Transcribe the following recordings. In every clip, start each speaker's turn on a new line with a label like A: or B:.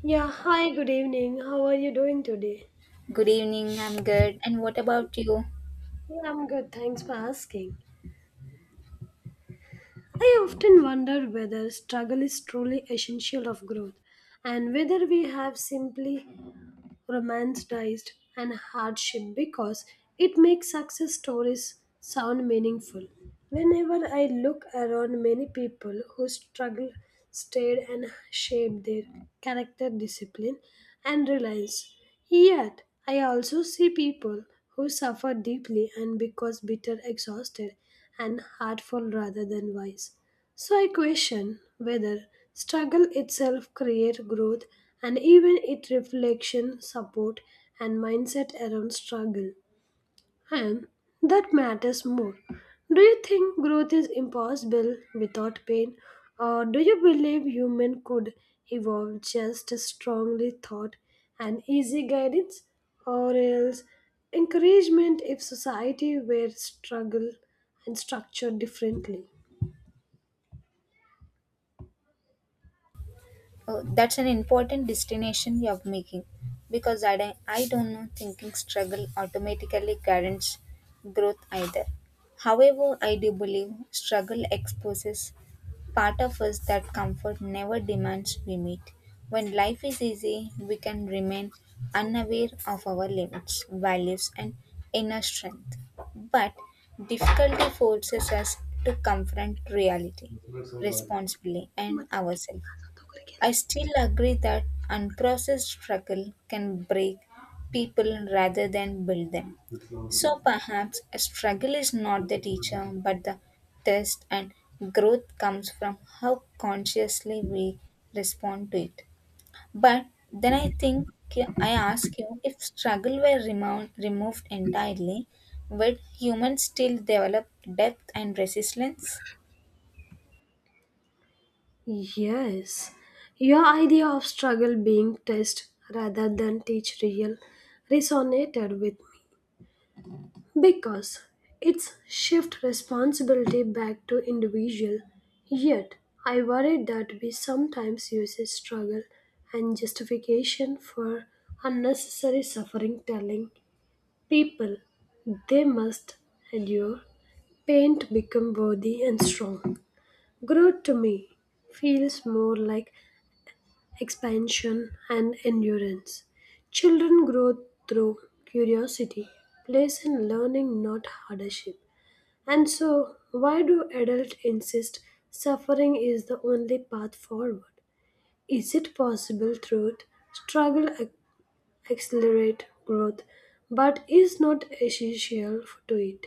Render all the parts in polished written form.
A: Yeah, hi, good evening. How are you doing today?
B: Good evening, I'm good. And what about you?
A: Yeah, I'm good. Thanks for asking. I often wonder whether struggle is truly essential of growth and whether we have simply romanticized and hardship because it makes success stories sound meaningful. Whenever I look around many people who struggle, stayed and shaped their character discipline and reliance. Yet I also see people who suffer deeply and because bitter, exhausted and hurtful rather than wise. So I question whether struggle itself create growth and even it reflection, support and mindset around struggle. And that matters more. Do you think growth is impossible without pain? Or do you believe human could evolve just as strongly thought and easy guidance? Or else encouragement if society were struggle and structured differently?
B: Oh, that's an important destination you're making because I don't know thinking struggle automatically guarantees growth either. However, I do believe struggle exposes part of us that comfort never demands we meet. When life is easy, we can remain unaware of our limits, values, and inner strength. But difficulty forces us to confront reality, responsibly, and ourselves. I still agree that unprocessed struggle can break people rather than build them. So perhaps a struggle is not the teacher but the test, and growth comes from how consciously we respond to it. But then I think I ask you if struggle were removed entirely, would humans still develop depth and resilience?
A: Yes, your idea of struggle being test rather than teach real resonated with me because it's shift responsibility back to individual. Yet I worry that we sometimes use a struggle and justification for unnecessary suffering, telling people they must endure pain to become worthy and strong. Growth to me feels more like expansion and endurance. Children grow through curiosity, place, and learning, not hardship. And so, why do adults insist suffering is the only path forward? Is it possible truth, struggle ac- accelerate growth, but is not essential to it?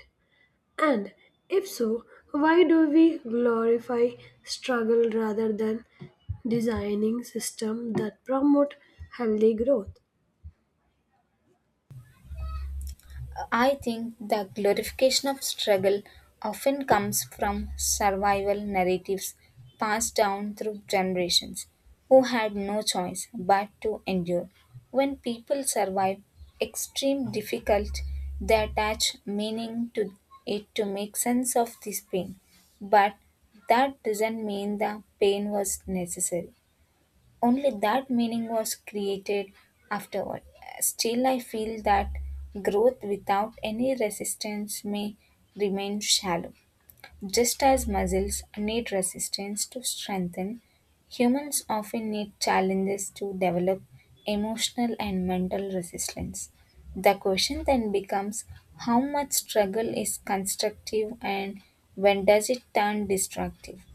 A: And if so, why do we glorify struggle rather than designing systems that promote healthy growth?
B: I think the glorification of struggle often comes from survival narratives passed down through generations who had no choice but to endure. When people survive extreme difficulty, they attach meaning to it to make sense of this pain. But that doesn't mean the pain was necessary only that meaning was created afterward. Still, I feel that growth without any resistance may remain shallow. Just as muscles need resistance to strengthen, humans often need challenges to develop emotional and mental resilience. The question then becomes how much struggle is constructive and when does it turn destructive?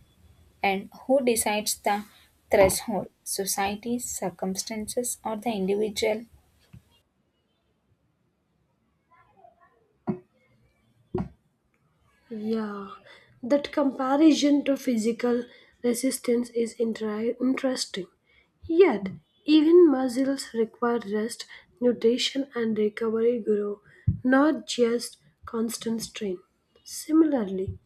B: And who decides the threshold? Society, circumstances, or the individual?
A: Yeah, that comparison to physical resistance is interesting. Yet, even muscles require rest, nutrition, and recovery grow, not just constant strain. Similarly,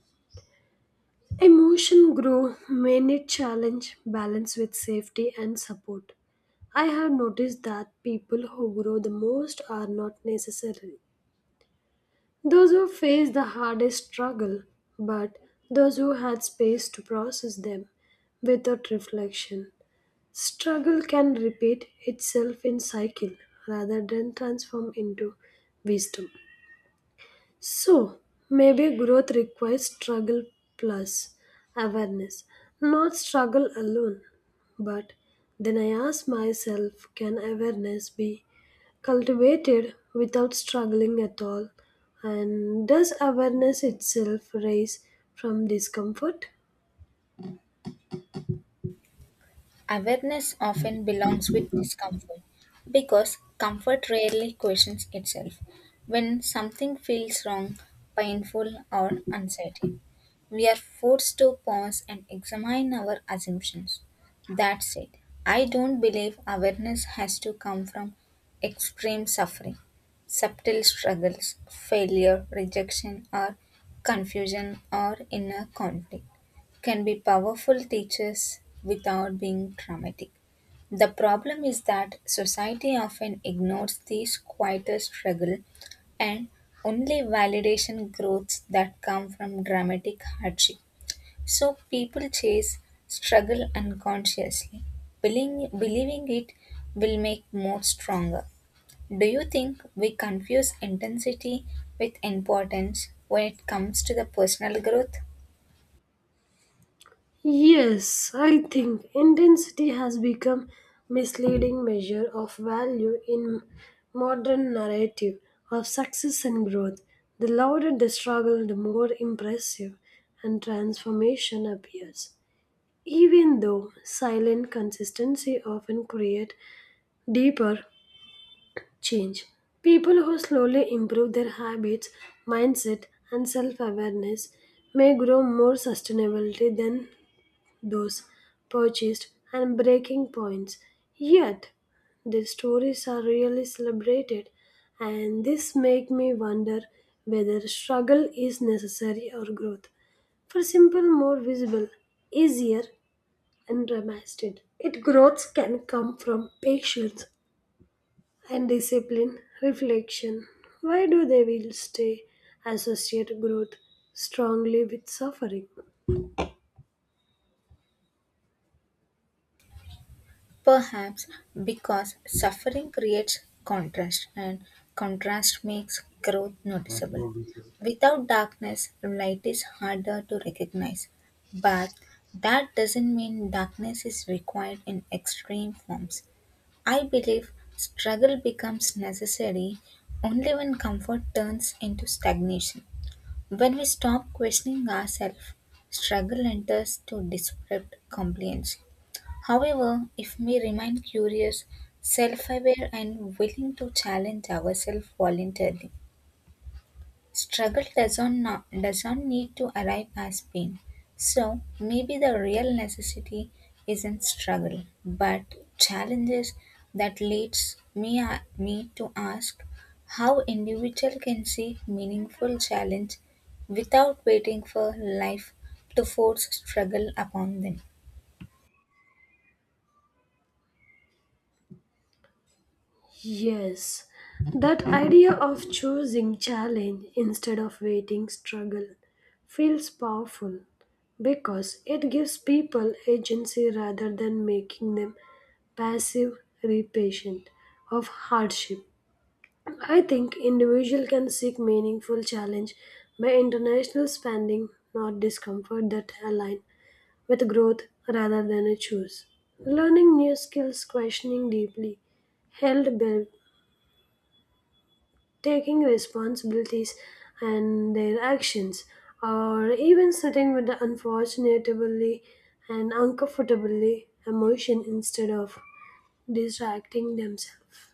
A: emotion grow when it challenge balance with safety and support. I have noticed that people who grow the most are not necessarily those who face the hardest struggle, but those who had space to process them without reflection. Struggle can repeat itself in cycle rather than transform into wisdom. So, maybe growth requires struggle plus awareness, not struggle alone. But then I ask myself, can awareness be cultivated without struggling at all? And does awareness itself rise from discomfort?
B: Awareness often belongs with discomfort because comfort rarely questions itself. When something feels wrong, painful, or uncertain, we are forced to pause and examine our assumptions. That said, I don't believe awareness has to come from extreme suffering. Subtle struggles, failure, rejection, or confusion or inner conflict can be powerful teachers without being dramatic. The problem is that society often ignores these quieter struggle and only validation growths that come from dramatic hardship. So people chase struggle unconsciously, believing it will make more stronger. Do you think we confuse intensity with importance when it comes to the personal growth?
A: Yes, I think intensity has become misleading measure of value in modern narrative of success and growth. The louder the struggle, the more impressive and transformation appears. Even though silent consistency often create deeper change, people who slowly improve their habits, mindset, and self-awareness may grow more sustainability than those purchased and breaking points. Yet the stories are really celebrated and this make me wonder whether struggle is necessary or growth. For simple, more visible, easier and dramatic. It growth can come from patience and discipline, reflection. Why do they will stay associate growth strongly with suffering?
B: Perhaps because suffering creates contrast, and contrast makes growth noticeable. Without darkness, light is harder to recognize. But that doesn't mean darkness is required in extreme forms. I believe struggle becomes necessary only when comfort turns into stagnation. When we stop questioning ourselves, struggle enters to desperate compliance. However, if we remain curious, self aware, and willing to challenge ourselves voluntarily, struggle doesn't, no- doesn't need to arrive as pain. So, maybe the real necessity isn't struggle, but challenges that me to ask how individual can seek meaningful challenge without waiting for life to force struggle upon them.
A: Yes, that idea of choosing challenge instead of waiting struggle feels powerful because it gives people agency rather than making them passive recipient of hardship. I think individual can seek meaningful challenge by international spending, not discomfort that align with growth rather than a choose. Learning new skills, questioning deeply, held taking responsibilities and their actions, or even sitting with the unfortunately and uncomfortably emotion instead of distracting themselves.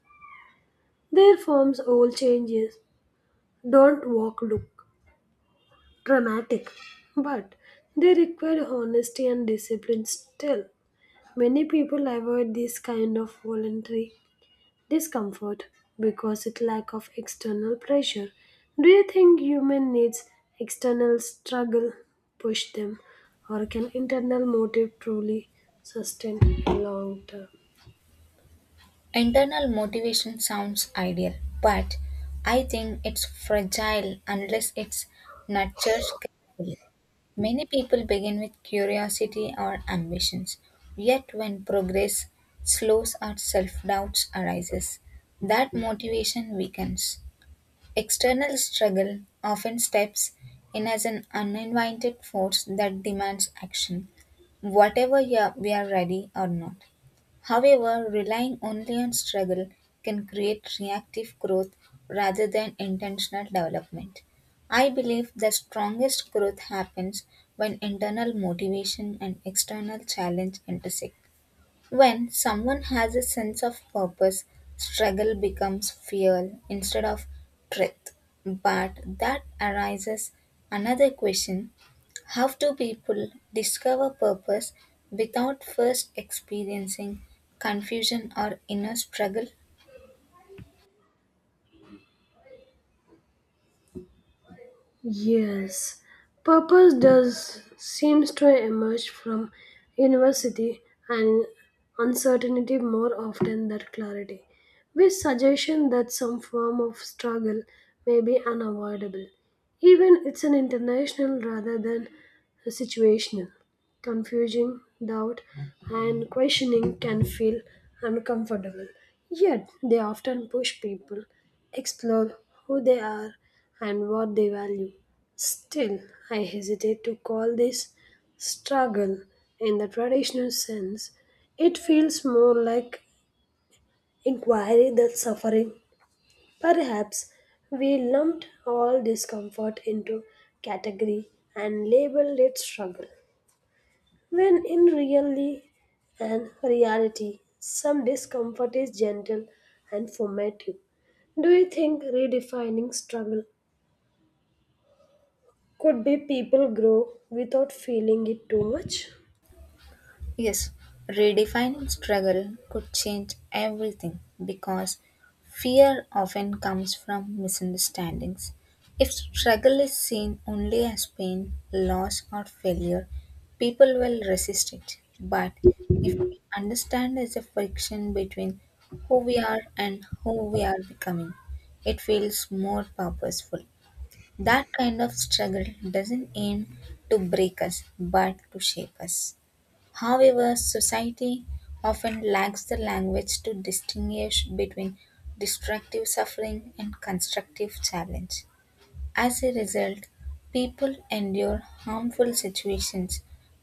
A: Their forms all changes don't walk look dramatic, but they require honesty and discipline still. Many people avoid this kind of voluntary discomfort because it lack of external pressure. Do you think human needs external struggle push them, or can internal motive truly sustain long term?
B: Internal motivation sounds ideal, but I think it's fragile unless it's nurtured carefully. Many people begin with curiosity or ambitions, yet when progress slows or self-doubt arises, that motivation weakens. External struggle often steps in as an uninvited force that demands action, whatever yeah, we are ready or not. However, relying only on struggle can create reactive growth rather than intentional development. I believe the strongest growth happens when internal motivation and external challenge intersect. When someone has a sense of purpose, struggle becomes fuel instead of truth. But that arises another question how do people discover purpose without first experiencing confusion or inner struggle?
A: Yes, purpose does seems to emerge from university and uncertainty more often than clarity, which suggestion that some form of struggle may be unavoidable, even it's an international rather than a situational. Confusing, doubt, and questioning can feel uncomfortable, yet they often push people explore who they are and what they value. Still, I hesitate to call this struggle in the traditional sense. It feels more like inquiry than suffering. Perhaps we lumped all discomfort into category and labeled it struggle, when in really and reality, some discomfort is gentle and formative. Do you think redefining struggle could be people grow without feeling it too much?
B: Yes, redefining struggle could change everything because fear often comes from misunderstandings. If struggle is seen only as pain, loss, or failure, people will resist it. But if understand as a friction between who we are and who we are becoming, it feels more purposeful. That kind of struggle doesn't aim to break us but to shape us. However, society often lacks the language to distinguish between destructive suffering and constructive challenge. As a result, people endure harmful situations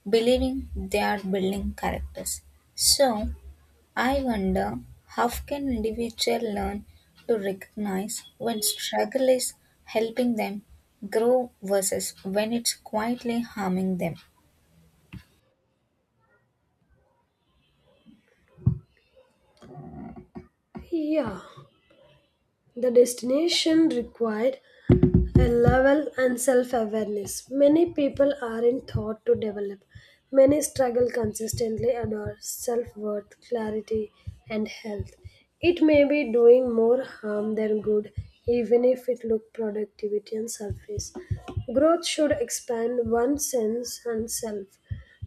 B: believing they are building characters. So, I wonder how can individual learn to recognize when struggle is helping them grow versus when it's quietly harming them.
A: Yeah, the destination required a level and self awareness. Many people aren't taught to develop. Many struggle consistently adore self worth, clarity, and health. It may be doing more harm than good, even if it look productivity on surface. Growth should expand one's sense and self.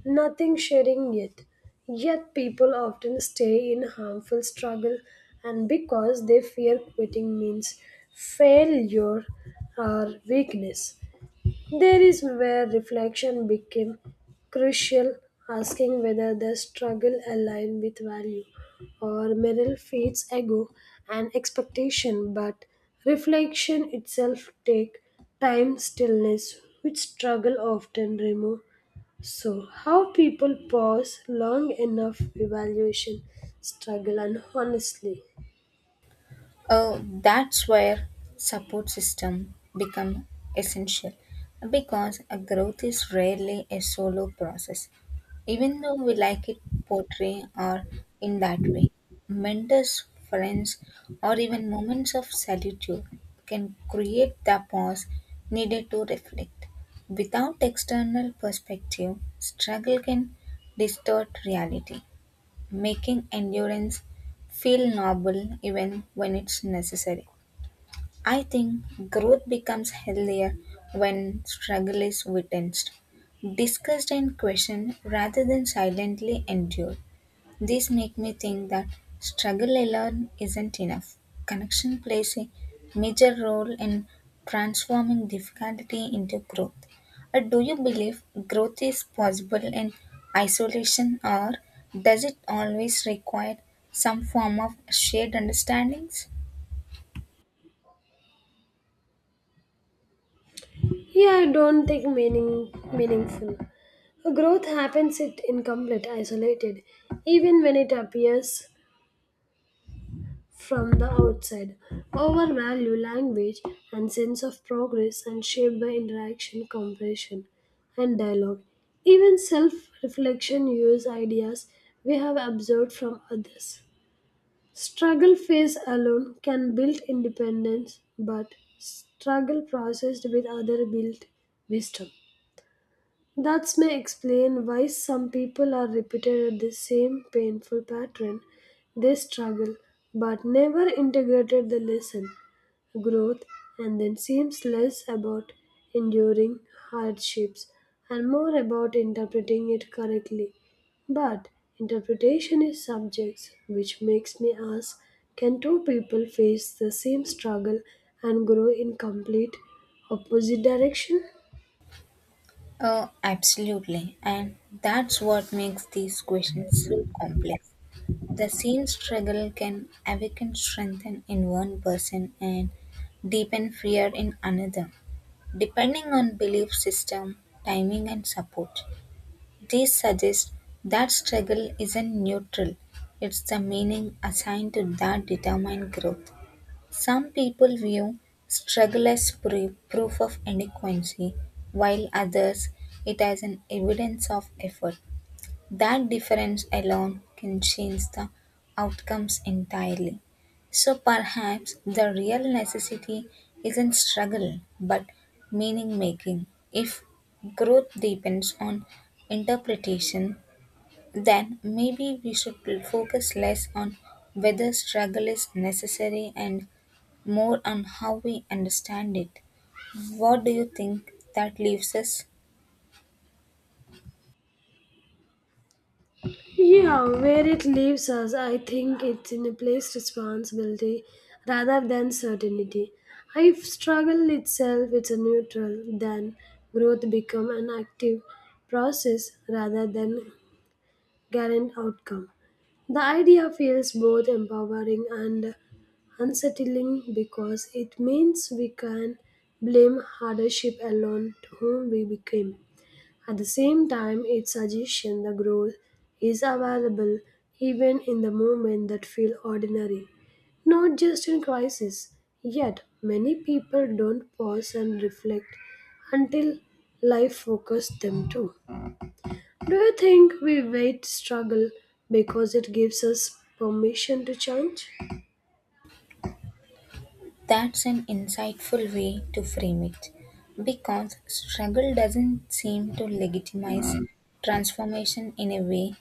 A: Nothing sharing yet. Yet people often stay in harmful struggle and because they fear quitting means failure or weakness. There is where reflection became crucial, asking whether the struggle align with value or merely feeds ego and expectation, but reflection itself take time stillness which struggle often remove. So, how people pause long enough evaluation, struggle, and honestly.
B: Oh, that's where support system become essential because a growth is rarely a solo process. Even though we like it poetry or in that way, mentors, friends, or even moments of solitude can create the pause needed to reflect. Without external perspective, struggle can distort reality making endurance feel noble even when it's necessary. I think growth becomes healthier when struggle is witnessed, discussed, and questioned rather than silently endured. This make me think that struggle alone isn't enough. Connection plays a major role in transforming difficulty into growth. Do you believe growth is possible in isolation, or does it always require some form of shared understandings?
A: Yeah, I don't think meaningful. Growth happens it incomplete, isolated, even when it appears from the outside. Overvalue language and sense of progress and shaped by interaction, compression, and dialogue. Even self-reflection use ideas we have observed from others. Struggle phase alone can build independence, but struggle processed with other build wisdom. That may explain why some people are repeated at the same painful pattern. They struggle, but never integrated the lesson growth and then seems less about enduring hardships and more about interpreting it correctly. But interpretation is subjects which makes me ask, can two people face the same struggle and grow in complete opposite direction?
B: Absolutely, and that's what makes these questions so complex. The same struggle can awaken strength in one person and deepen fear in another, depending on belief system, timing, and support. This suggests that struggle isn't neutral, it's the meaning assigned to that determined growth. Some people view struggle as proof of inadequacy, while others it as an evidence of effort. That difference alone can change the outcomes entirely. So perhaps the real necessity isn't struggle but meaning making. If growth depends on interpretation, then maybe we should focus less on whether struggle is necessary and more on how we understand it. What do you think that leaves us?
A: Yeah, where it leaves us, I think it's in a place responsibility rather than certainty. If struggle itself it's a neutral, then growth become an active process rather than guaranteed outcome. The idea feels both empowering and unsettling because it means we can blame hardship alone to whom we became. At the same time, it suggests the growth is available even in the moments that feel ordinary, not just in crisis. Yet, many people don't pause and reflect until life focuses them to. Do you think we wait struggle because it gives us permission to change?
B: That's an insightful way to frame it, because struggle doesn't seem to legitimize transformation in a way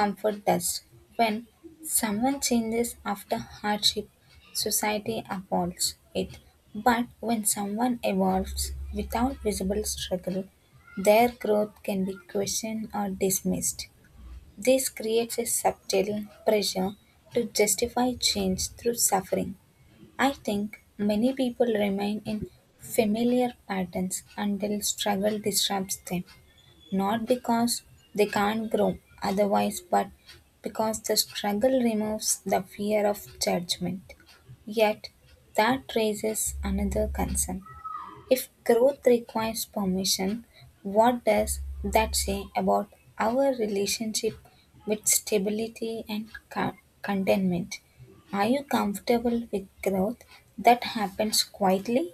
B: comfort does. When someone changes after hardship, society applauds it. But when someone evolves without visible struggle, their growth can be questioned or dismissed. This creates a subtle pressure to justify change through suffering I think many people remain in familiar patterns until struggle disrupts them, not because they can't grow otherwise, but because the struggle removes the fear of judgment. Yet, that raises another concern if growth requires permission, what does that say about our relationship with stability and contentment? Are you comfortable with growth that happens quietly?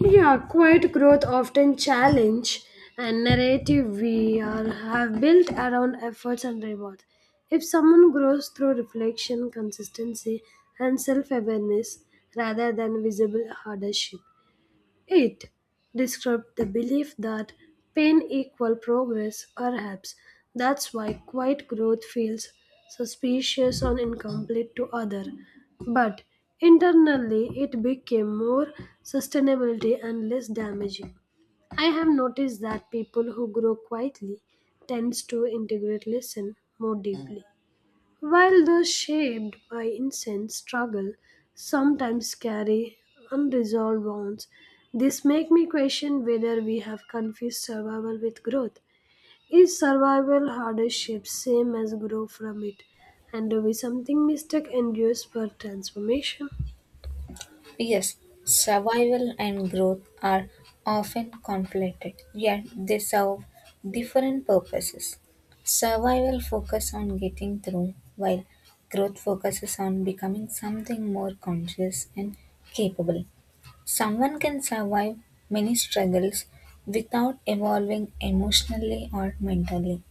A: Yeah, quiet growth often challenge and narrative we are, have built around efforts and rewards. If someone grows through reflection, consistency, and self awareness rather than visible hardship, it described the belief that pain equal progress, perhaps. That's why quiet growth feels suspicious or incomplete to other. But internally it became more sustainability and less damaging. I have noticed that people who grow quietly tends to integrate lesson more deeply. While those shaped by incense struggle sometimes carry unresolved wounds, this makes me question whether we have confused survival with growth. Is survival hardship same as grow from it? And do we something mistake endures for transformation?
B: Yes, survival and growth are often conflated, yet they serve different purposes. Survival focuses on getting through, while growth focuses on becoming something more conscious and capable. Someone can survive many struggles without evolving emotionally or mentally.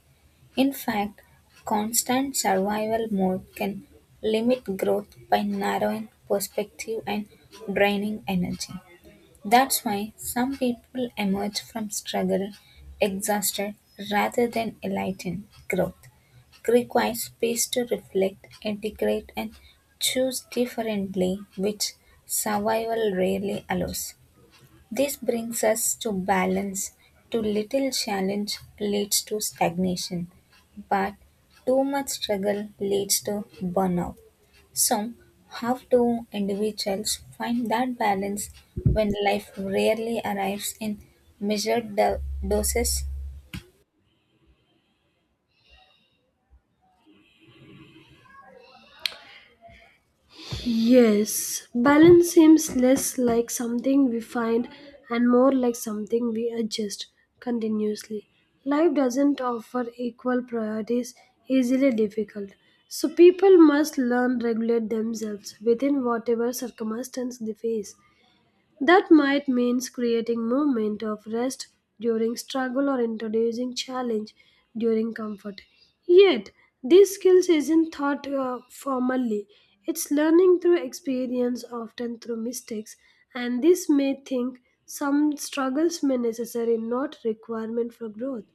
B: In fact, constant survival mode can limit growth by narrowing perspective and draining energy. That's why some people emerge from struggle exhausted rather than enlightened. Growth requires space to reflect, integrate, and choose differently, which survival rarely allows. This brings us to balance; too little challenge leads to stagnation, but too much struggle leads to burnout. So, how do individuals find that balance when life rarely arrives in measured doses?
A: Yes, balance seems less like something we find and more like something we adjust continuously. Life doesn't offer equal priorities, easily difficult. So people must learn regulate themselves within whatever circumstance they face. That might mean creating moment of rest during struggle or introducing challenge during comfort. Yet, these skills isn't taught formally. It's learning through experience, often through mistakes, and this may think some struggles may necessary not requirement for growth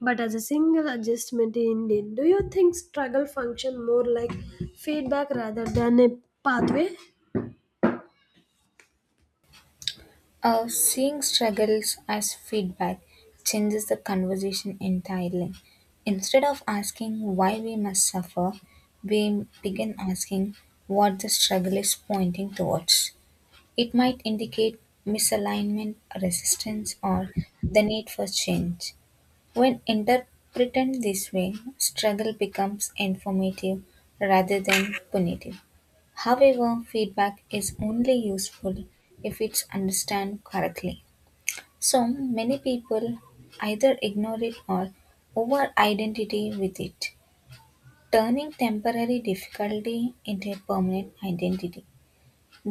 A: but as a single adjustment indeed. Do you think struggle function more like feedback rather than a pathway?
B: Seeing struggles as feedback changes the conversation entirely. Instead of asking why we must suffer, we begin asking what the struggle is pointing towards. It might indicate misalignment, resistance, or the need for change. When interpreted this way, struggle becomes informative rather than punitive. However, feedback is only useful if it's understood correctly. So many people either ignore it or over identity with it, turning temporary difficulty into a permanent identity.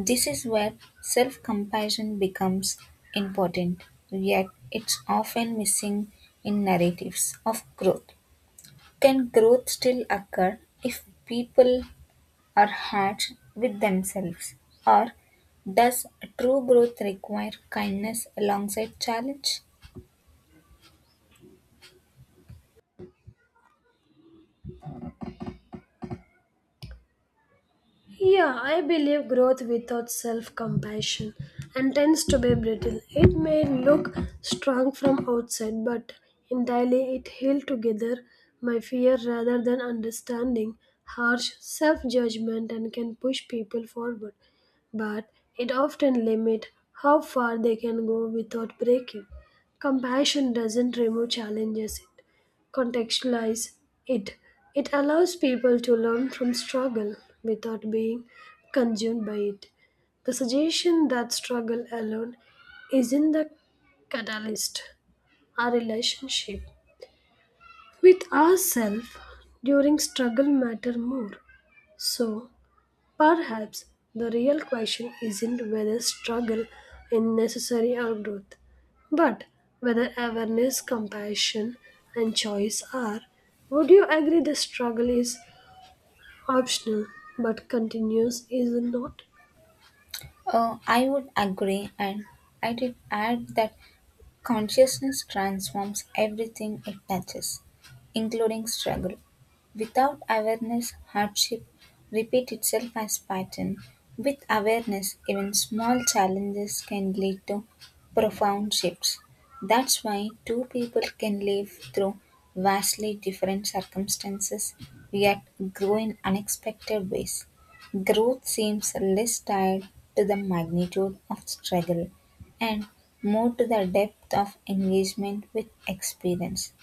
B: This is where self compassion becomes important, yet, it's often missing in narratives of growth. Can growth still occur if people are harsh with themselves? Or does true growth require kindness alongside challenge?
A: Yeah, I believe growth without self compassion and tends to be brittle. It may look strong from outside, but entirely it held together by fear rather than understanding, harsh self judgment, and can push people forward. But it often limits how far they can go without breaking. Compassion doesn't remove challenges, contextualize it. It allows people to learn from struggle without being consumed by it. The suggestion that struggle alone isn't the catalyst. Our relationship with ourselves during struggle matter more. So perhaps the real question isn't whether struggle is necessary or growth, but whether awareness, compassion, and choice are. Would you agree the struggle is optional but continuous, is it not?
B: I would agree, and I did add that consciousness transforms everything it touches, including struggle. Without awareness, hardship repeat itself as pattern. With awareness, even small challenges can lead to profound shifts. That's why two people can live through vastly different circumstances yet grow in unexpected ways. Growth seems less tied to the magnitude of struggle and more to the depth of engagement with experience.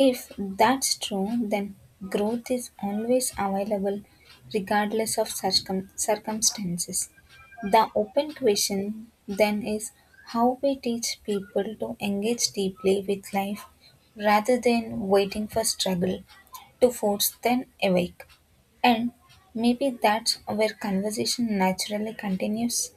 B: If that's true, then growth is always available regardless of circumstances. The open question then is how we teach people to engage deeply with life rather than waiting for struggle to force them awake. And maybe that's where conversation naturally continues.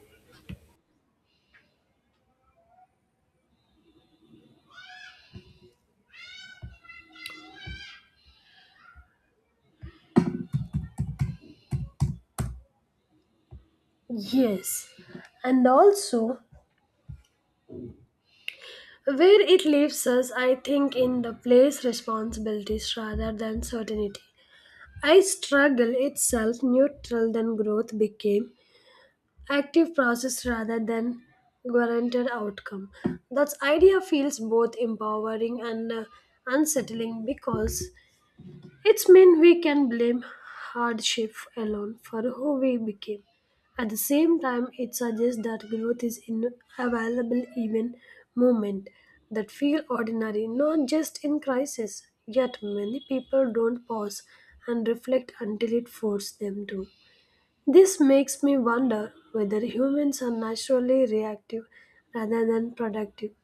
A: Yes, and also where it leaves us, I think, in the place responsibilities rather than certainty. I struggle itself neutral than growth became active process rather than guaranteed outcome. That idea feels both empowering and unsettling because it's mean we can blame hardship alone for who we became. At the same time, it suggests that growth is inavailable even moment that feel ordinary, not just in crisis. Yet many people don't pause and reflect until it forces them to. This makes me wonder whether humans are naturally reactive rather than productive.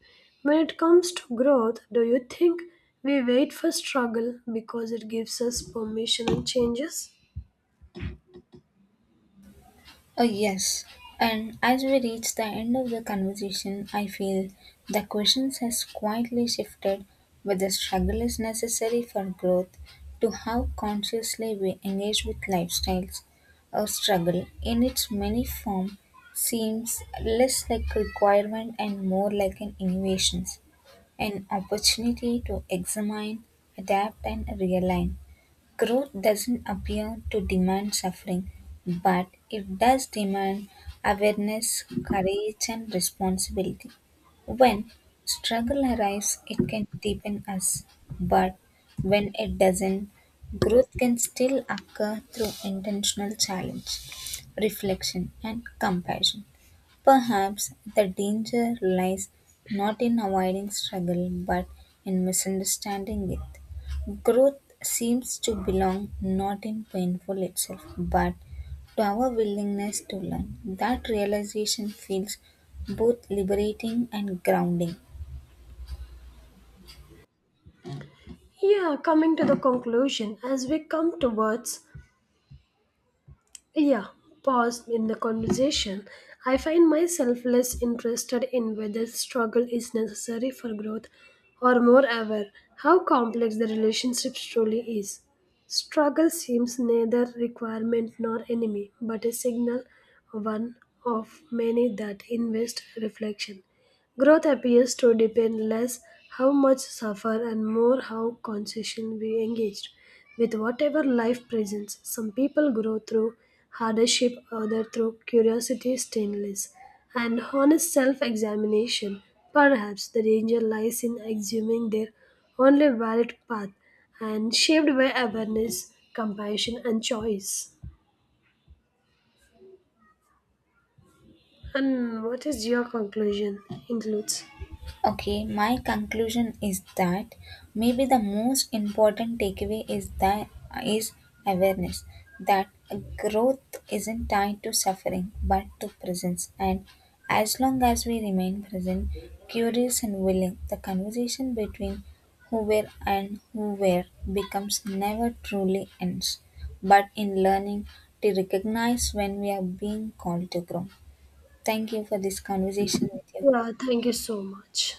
A: When it comes to growth, do you think we wait for struggle because it gives us permission and changes?
B: Oh, yes. And as we reach the end of the conversation, I feel the questions has quietly shifted whether struggle is necessary for growth to how consciously we engage with lifestyles. Our struggle, in its many form, seems less like requirement and more like an innovation, an opportunity to examine, adapt, and realign. Growth doesn't appear to demand suffering, but it does demand awareness, courage, and responsibility. When struggle arrives, it can deepen us, but when it doesn't, growth can still occur through intentional challenge, reflection, and compassion. Perhaps the danger lies not in avoiding struggle but in misunderstanding it. Growth seems to belong not in painful itself, but to our willingness to learn. That realization feels both liberating and grounding.
A: Yeah, coming to the conclusion, as we come towards, yeah, pause in the conversation. I find myself less interested in whether struggle is necessary for growth or more aware how complex the relationship truly is. Struggle seems neither requirement nor enemy, but a signal, one of many that invest reflection. Growth appears to depend less how much suffer and more how consciously we engaged with whatever life presents. Some people grow through hardship, others through curiosity, stainless, and honest self-examination. Perhaps the danger lies in assuming their only valid path and shaped by awareness, compassion, and choice. And what is your conclusion? Includes.
B: Okay, my conclusion is that maybe the most important takeaway is that is awareness that growth isn't tied to suffering but to presence and as long as we remain present, curious and willing, the conversation between who were and who were becomes never truly ends, but in learning to recognize when we are being called to grow. Thank you for this conversation with you.
A: Yeah, thank you so much.